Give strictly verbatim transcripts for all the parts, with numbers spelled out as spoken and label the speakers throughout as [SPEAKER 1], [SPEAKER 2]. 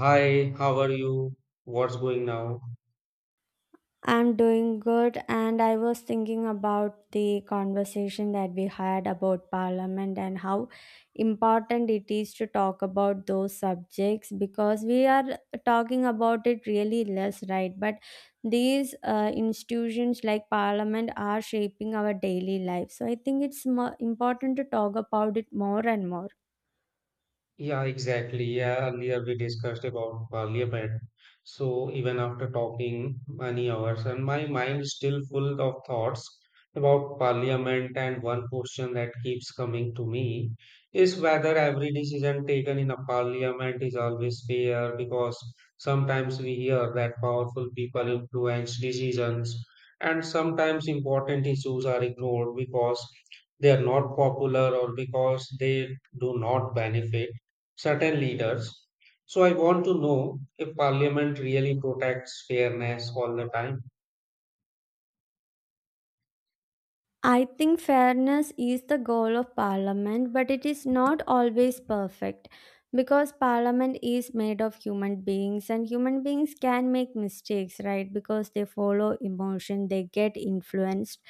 [SPEAKER 1] Hi, how are you? What's going now?
[SPEAKER 2] I'm doing good, and I was thinking about the conversation that we had about Parliament and how important it is to talk about those subjects because we are talking about it really less, right? But these uh, institutions like Parliament are shaping our daily life, so I think it's more important to talk about it more and more.
[SPEAKER 1] Yeah, exactly. Yeah, earlier we discussed about parliament. So even after talking many hours, and my mind is still full of thoughts about parliament. And one question that keeps coming to me is whether every decision taken in a parliament is always fair, because sometimes we hear that powerful people influence decisions, and sometimes important issues are ignored because they are not popular or because they do not benefit certain leaders. So I want to know if Parliament really protects fairness all the time.
[SPEAKER 2] I think fairness is the goal of parliament, but it is not always perfect because parliament is made of human beings and human beings can make mistakes, right? Because they follow emotion, they get influenced.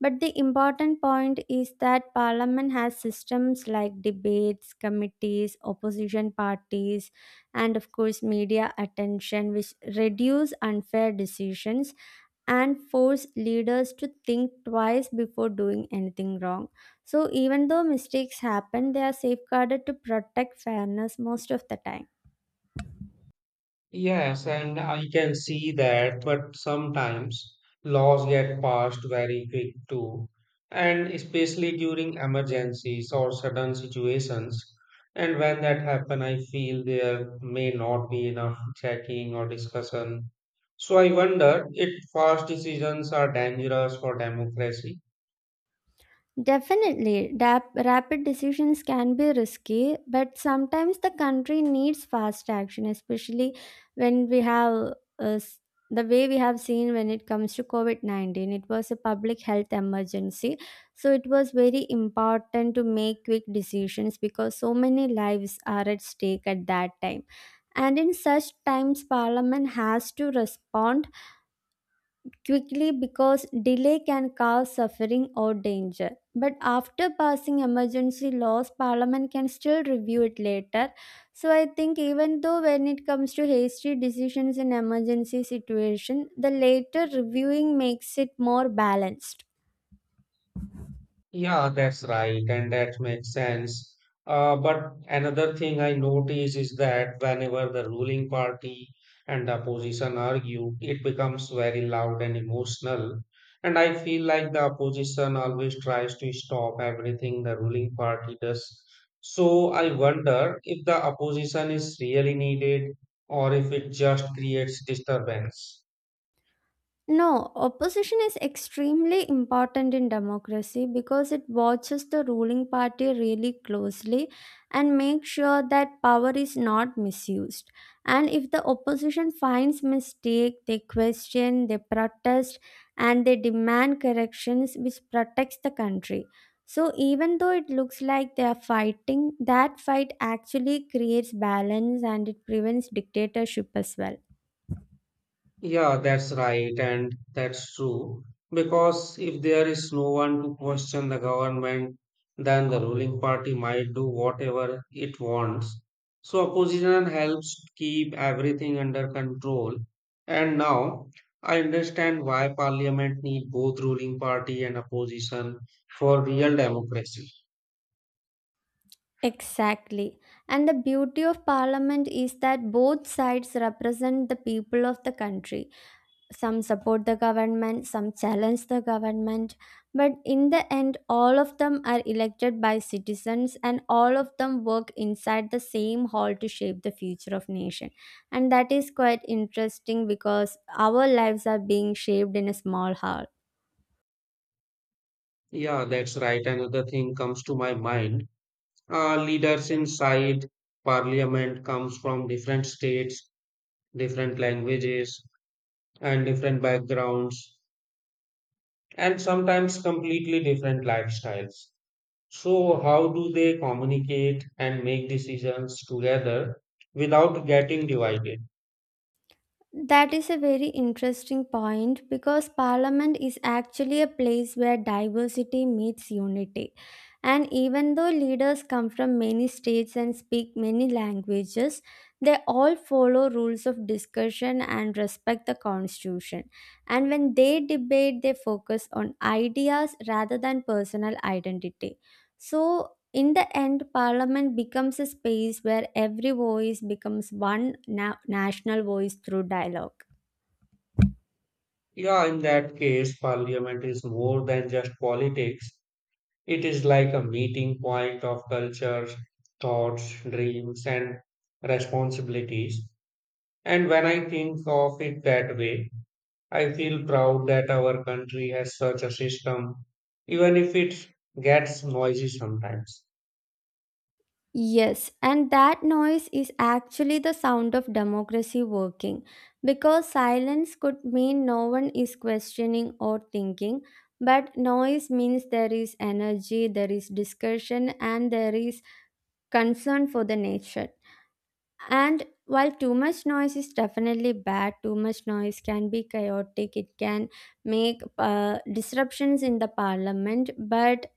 [SPEAKER 2] But the important point is that parliament has systems like debates, committees, opposition parties, and of course, media attention, which reduce unfair decisions and force leaders to think twice before doing anything wrong. So, even though mistakes happen, they are safeguarded to protect fairness most of the time.
[SPEAKER 1] Yes, and I can see that, but sometimes laws get passed very quick too, and especially during emergencies or sudden situations. And when that happen, I feel there may not be enough checking or discussion. So I wonder if fast decisions are dangerous for democracy.
[SPEAKER 2] Definitely, dap- rapid decisions can be risky, but sometimes the country needs fast action, especially when we have uh, s- the way we have seen when it comes to COVID nineteen. It was a public health emergency, so it was very important to make quick decisions because so many lives are at stake at that time. And in such times, Parliament has to respond quickly because delay can cause suffering or danger. But after passing emergency laws, Parliament can still review it later. So I think even though when it comes to hasty decisions in emergency situation, the later reviewing makes it more balanced.
[SPEAKER 1] Yeah, that's right, and that makes sense. Uh, but another thing I notice is that whenever the ruling party and the opposition argue, it becomes very loud and emotional. And I feel like the opposition always tries to stop everything the ruling party does. So I wonder if the opposition is really needed or if it just creates disturbance.
[SPEAKER 2] No, opposition is extremely important in democracy because it watches the ruling party really closely and makes sure that power is not misused. And if the opposition finds mistake, they question, they protest, and they demand corrections, which protects the country. So even though it looks like they are fighting, that fight actually creates balance and it prevents dictatorship as well.
[SPEAKER 1] Yeah, that's right, and that's true. Because if there is no one to question the government, then the ruling party might do whatever it wants. So opposition helps keep everything under control. And now I understand why parliament need both ruling party and opposition for real democracy.
[SPEAKER 2] Exactly. And the beauty of parliament is that both sides represent the people of the country. Some support the government, some challenge the government, but in the end, all of them are elected by citizens and all of them work inside the same hall to shape the future of nation. And that is quite interesting because our lives are being shaped in a small hall.
[SPEAKER 1] Yeah, that's right. Another thing comes to my mind. Uh, leaders inside parliament comes from different states, different languages, and different backgrounds, and sometimes completely different lifestyles. So, how do they communicate and make decisions together without getting divided?
[SPEAKER 2] That is a very interesting point because Parliament is actually a place where diversity meets unity. And even though leaders come from many states and speak many languages, they all follow rules of discussion and respect the constitution. And when they debate, they focus on ideas rather than personal identity. So, in the end, Parliament becomes a space where every voice becomes one na- national voice through dialogue.
[SPEAKER 1] Yeah, in that case, parliament is more than just politics. It is like a meeting point of cultures, thoughts, dreams, and responsibilities. And when I think of it that way, I feel proud that our country has such a system, even if it gets noisy sometimes.
[SPEAKER 2] Yes, and that noise is actually the sound of democracy working because silence could mean no one is questioning or thinking, but noise means there is energy, there is discussion, and there is concern for the nature. And while too much noise is definitely bad, too much noise can be chaotic, it can make uh, disruptions in the parliament, but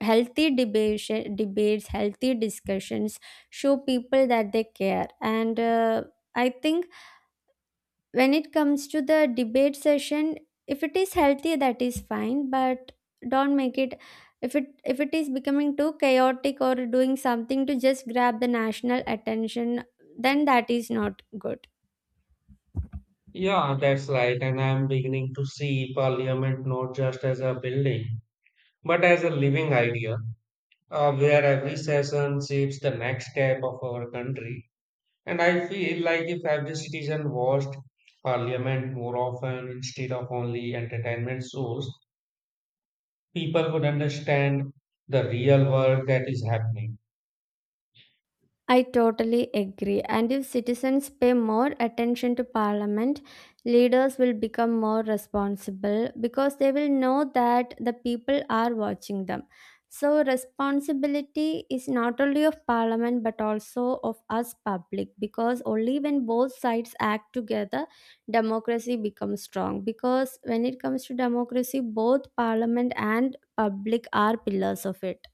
[SPEAKER 2] healthy debates debates healthy discussions show people that they care, and uh, i think, when it comes to the debate session, if it is healthy, that is fine, but don't make it. If it if it is becoming too chaotic or doing something to just grab the national attention, then that is not good.
[SPEAKER 1] Yeah, that's right, and I'm beginning to see parliament not just as a building, but as a living idea, uh, where every session shapes the next step of our country. And I feel like if every citizen watched parliament more often instead of only entertainment shows, people would understand the real work that is happening.
[SPEAKER 2] I totally agree. And if citizens pay more attention to parliament, leaders will become more responsible because they will know that the people are watching them. So, responsibility is not only of parliament but also of us public, because only when both sides act together, democracy becomes strong. Because when it comes to democracy, both parliament and public are pillars of it.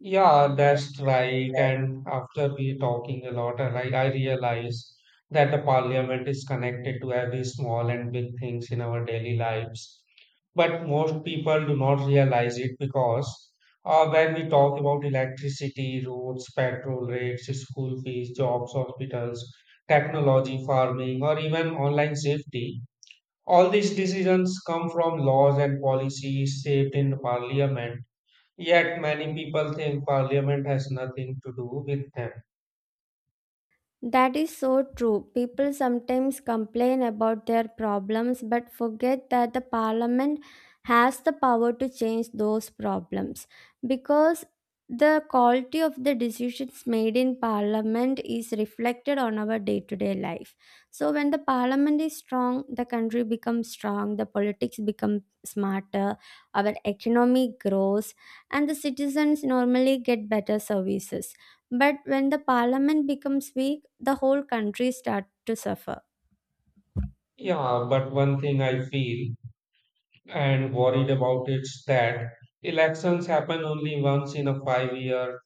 [SPEAKER 1] Yeah, that's right. And after we talking a lot, and I, I realize that the parliament is connected to every small and big things in our daily lives. But most people do not realize it because uh, when we talk about electricity, roads, petrol rates, school fees, jobs, hospitals, technology, farming, or even online safety, all these decisions come from laws and policies shaped in the parliament. Yet many people think parliament has nothing to do with them.
[SPEAKER 2] That is so true. People sometimes complain about their problems but forget that the parliament has the power to change those problems, because the quality of the decisions made in parliament is reflected on our day to day life. So, when the parliament is strong, the country becomes strong, the politics become smarter, our economy grows, and the citizens normally get better services, but when the parliament becomes weak, the whole country starts to suffer.
[SPEAKER 1] Yeah, but one thing I feel and worried about is that elections happen only once in a five year,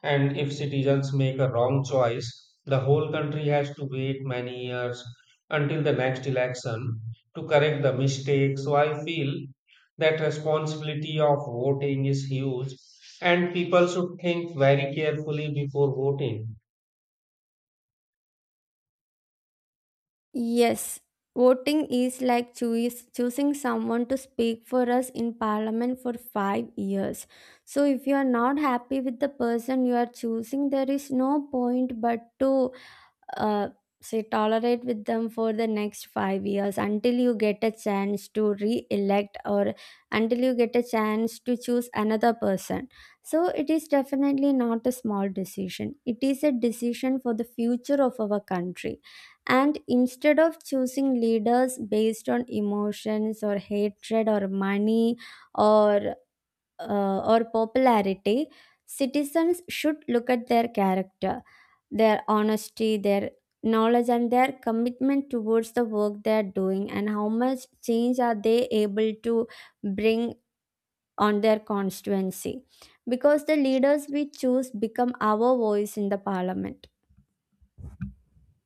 [SPEAKER 1] and if citizens make a wrong choice, the whole country has to wait many years until the next election to correct the mistake. So I feel that responsibility of voting is huge, and people should think very carefully before voting.
[SPEAKER 2] Yes, voting is like choose, choosing someone to speak for us in parliament for five years. So if you are not happy with the person you are choosing, there is no point but to uh, say tolerate with them for the next five years until you get a chance to re-elect, or until you get a chance to choose another person. So it is definitely not a small decision, it is a decision for the future of our country. And instead of choosing leaders based on emotions or hatred or money, or uh, or popularity, citizens should look at their character, their honesty, their knowledge, and their commitment towards the work they are doing, and how much change are they able to bring on their constituency. Because the leaders we choose become our voice in the parliament.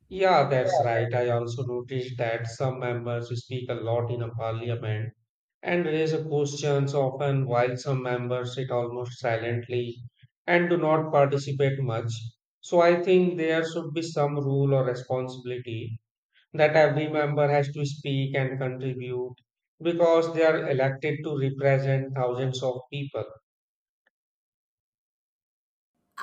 [SPEAKER 1] Yeah, that's right. I also noticed that some members speak a lot in a parliament and raise a questions often, while some members sit almost silently and do not participate much. So I think there should be some rule or responsibility that every member has to speak and contribute because they are elected to represent thousands of people.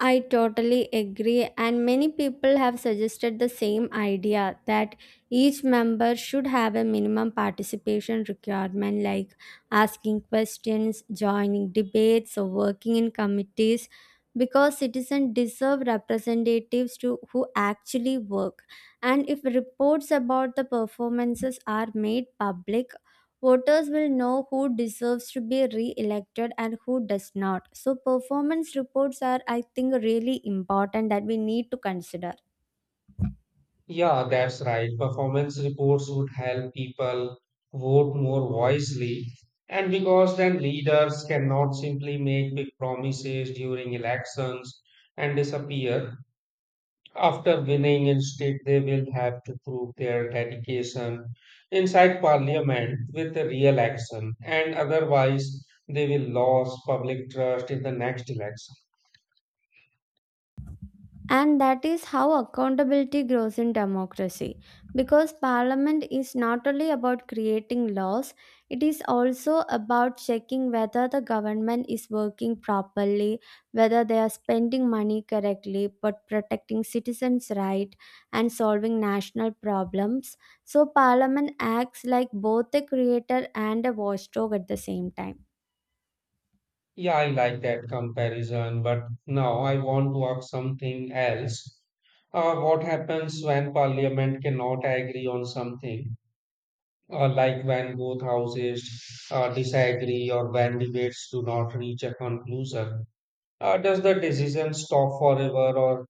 [SPEAKER 2] I totally agree, and many people have suggested the same idea that each member should have a minimum participation requirement like asking questions, joining debates, or working in committees, because citizens deserve representatives to who actually work. And if reports about the performances are made public, voters will know who deserves to be re elected and who does not. So, performance reports are, I think, really important that we need to consider.
[SPEAKER 1] Yeah, that's right. Performance reports would help people vote more wisely. And because then leaders cannot simply make big promises during elections and disappear. After winning, instead, they will have to prove their dedication inside parliament with the real action. And otherwise, they will lose public trust in the next election.
[SPEAKER 2] And that is how accountability grows in democracy. Because parliament is not only about creating laws, it is also about checking whether the government is working properly, whether they are spending money correctly, but protecting citizens' rights and solving national problems. So parliament acts like both a creator and a watchdog at the same time.
[SPEAKER 1] Yeah, I like that comparison, but now I want to ask something else. Uh, what happens when parliament cannot agree on something, uh, like when both houses uh, disagree or when debates do not reach a conclusion? Uh, does the decision stop forever, or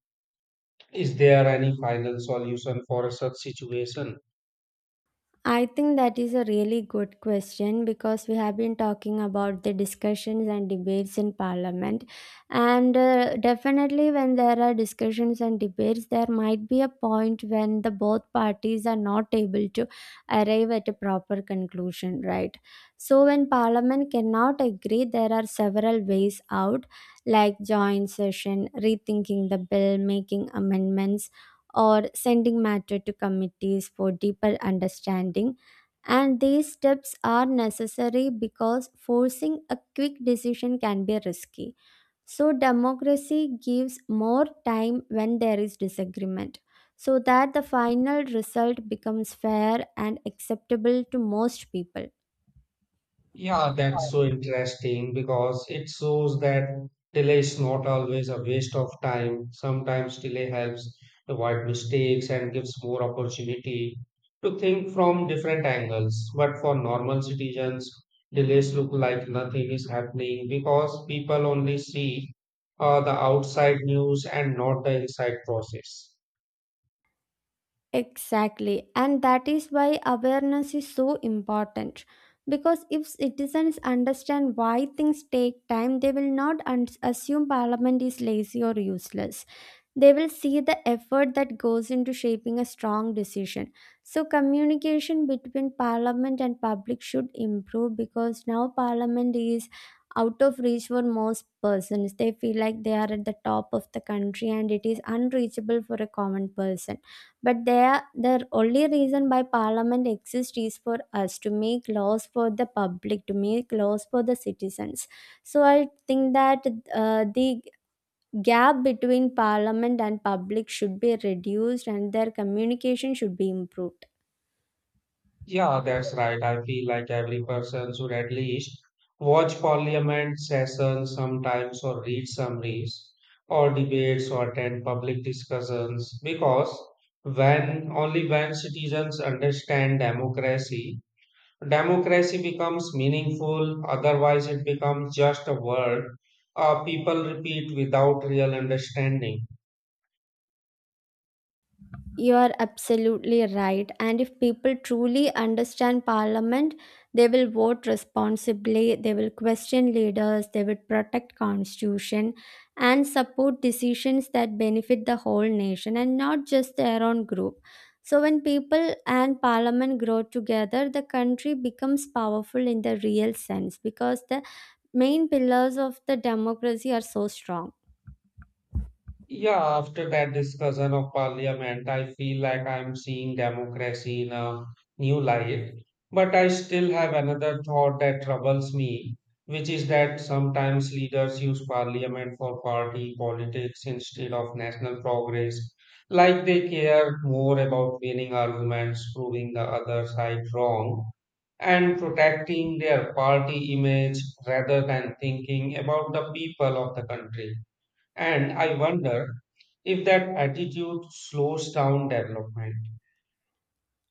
[SPEAKER 1] is there any final solution for such situation?
[SPEAKER 2] I think that is a really good question because we have been talking about the discussions and debates in parliament. And uh, definitely, when there are discussions and debates, there might be a point when the both parties are not able to arrive at a proper conclusion, right? So, when parliament cannot agree, there are several ways out, like joint session, rethinking the bill, making amendments, or sending matter to committees for deeper understanding. And these steps are necessary because forcing a quick decision can be risky. So, democracy gives more time when there is disagreement so that the final result becomes fair and acceptable to most people.
[SPEAKER 1] Yeah, that's so interesting because it shows that delay is not always a waste of time. Sometimes delay helps avoid mistakes and gives more opportunity to think from different angles. But for normal citizens, delays look like nothing is happening because people only see uh, the outside news and not the inside process.
[SPEAKER 2] Exactly, and that is why awareness is so important. Because if citizens understand why things take time, they will not un- assume parliament is lazy or useless. They will see the effort that goes into shaping a strong decision. So, communication between parliament and public should improve, because now parliament is out of reach for most persons. They feel like they are at the top of the country and it is unreachable for a common person. But they are, the only reason why parliament exists is for us to make laws for the public, to make laws for the citizens. So, I think that uh, the gap between parliament and public should be reduced and their communication should be improved.
[SPEAKER 1] Yeah, that's right. I feel like every person should at least watch parliament sessions sometimes or read summaries or debates or attend public discussions because when only when citizens understand democracy, democracy becomes meaningful, otherwise it becomes just a word uh, people repeat without real understanding.
[SPEAKER 2] You are absolutely right, and if people truly understand parliament, they will vote responsibly, they will question leaders, they will protect constitution, and support decisions that benefit the whole nation and not just their own group. So when people and parliament grow together, the country becomes powerful in the real sense, because the main pillars of the democracy are so strong.
[SPEAKER 1] Yeah, after that discussion of parliament, I feel like I'm seeing democracy in a new light. But I still have another thought that troubles me, which is that sometimes leaders use parliament for party politics instead of national progress. Like they care more about winning arguments, proving the other side wrong, and protecting their party image rather than thinking about the people of the country. And I wonder if that attitude slows down development.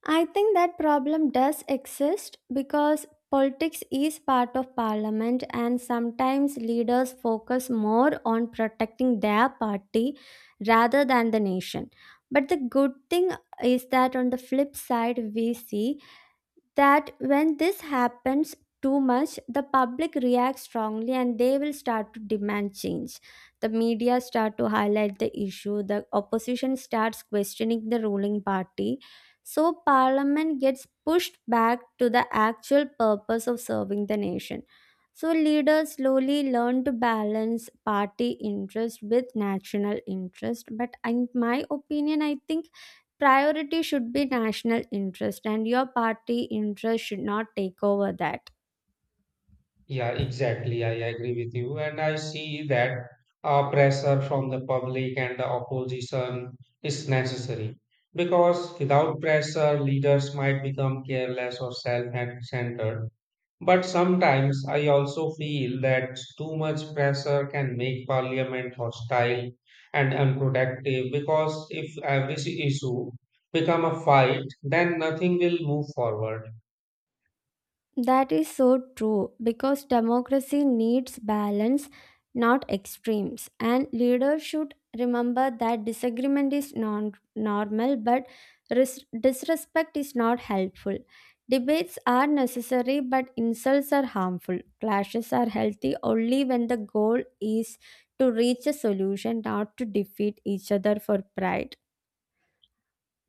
[SPEAKER 2] I think that problem does exist because politics is part of parliament and sometimes leaders focus more on protecting their party rather than the nation. But the good thing is that, on the flip side, we see that when this happens too much, the public reacts strongly and they will start to demand change, the media start to highlight the issue, the opposition starts questioning the ruling party. So parliament gets pushed back to the actual purpose of serving the nation. So leaders slowly learn to balance party interest with national interest, but in my opinion, I think priority should be national interest and your party interest should not take over that.
[SPEAKER 1] Yeah, exactly. I agree with you. And I see that uh, pressure from the public and the opposition is necessary because without pressure, leaders might become careless or self centered. But sometimes I also feel that too much pressure can make parliament hostile and unproductive because if every s- issue become a fight, then nothing will move forward.
[SPEAKER 2] That is so true, because democracy needs balance, not extremes, and leaders should remember that disagreement is non normal, but ris- disrespect is not helpful. Debates are necessary but insults are harmful. Clashes are healthy only when the goal is to reach a solution, not to defeat each other for pride.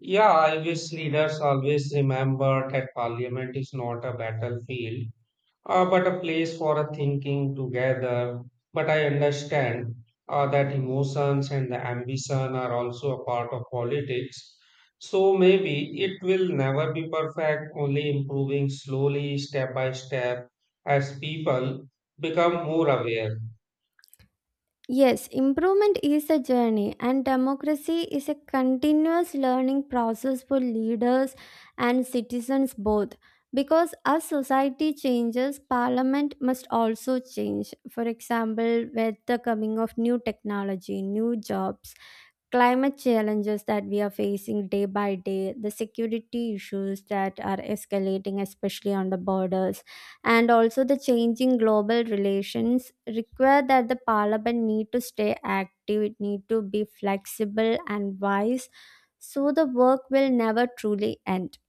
[SPEAKER 1] Yeah, I wish leaders always remember that parliament is not a battlefield, uh, but a place for a thinking together. But I understand uh, that emotions and the ambition are also a part of politics. So maybe it will never be perfect, only improving slowly, step by step, as people become more aware.
[SPEAKER 2] Yes, improvement is a journey, and democracy is a continuous learning process for leaders and citizens both. Because as society changes, parliament must also change. For example, with the coming of new technology, new jobs, climate challenges that we are facing day by day, the security issues that are escalating, especially on the borders, and also the changing global relations require that the parliament need to stay active, it need to be flexible and wise, so the work will never truly end.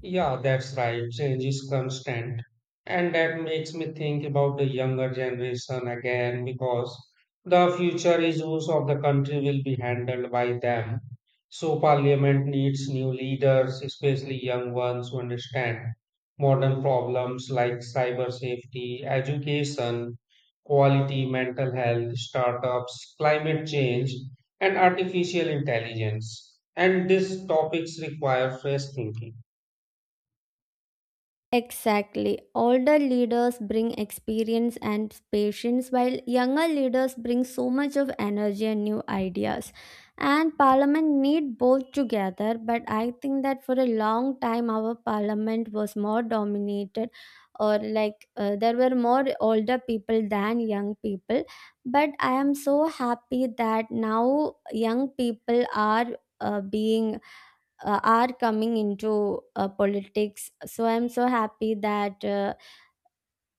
[SPEAKER 1] Yeah, that's right. Change is constant. And that makes me think about the younger generation again because the future issues of the country will be handled by them. So, parliament needs new leaders, especially young ones who understand modern problems like cyber safety, education, quality, mental health, startups, climate change, and artificial intelligence. And these topics require fresh thinking.
[SPEAKER 2] Exactly. Older leaders bring experience and patience, while younger leaders bring so much of energy and new ideas. And parliament need both together, but I think that for a long time our parliament was more dominated, or like, uh, there were more older people than young people. But I am so happy that now young people are uh, being uh, are coming into uh, politics. So I'm so happy that uh,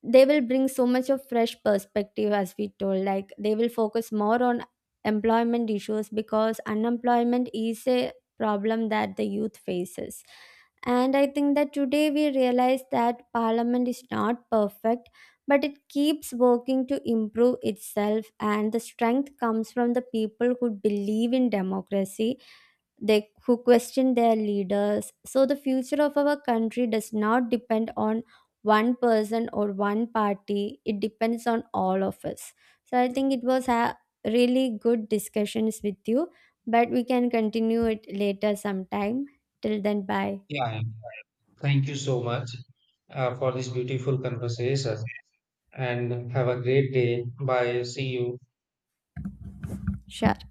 [SPEAKER 2] they will bring so much of fresh perspective, as we told, like they will focus more on employment issues because unemployment is a problem that the youth faces. And I think that today we realize that parliament is not perfect, but it keeps working to improve itself, and the strength comes from the people who believe in democracy, they who question their leaders. So the future of our country does not depend on one person or one party, it depends on all of us. So I think it was a really good discussions with you, but we can continue it later sometime. Till then, bye.
[SPEAKER 1] Yeah, thank you so much uh, for this beautiful conversation and have a great day. Bye. See you.
[SPEAKER 2] Sure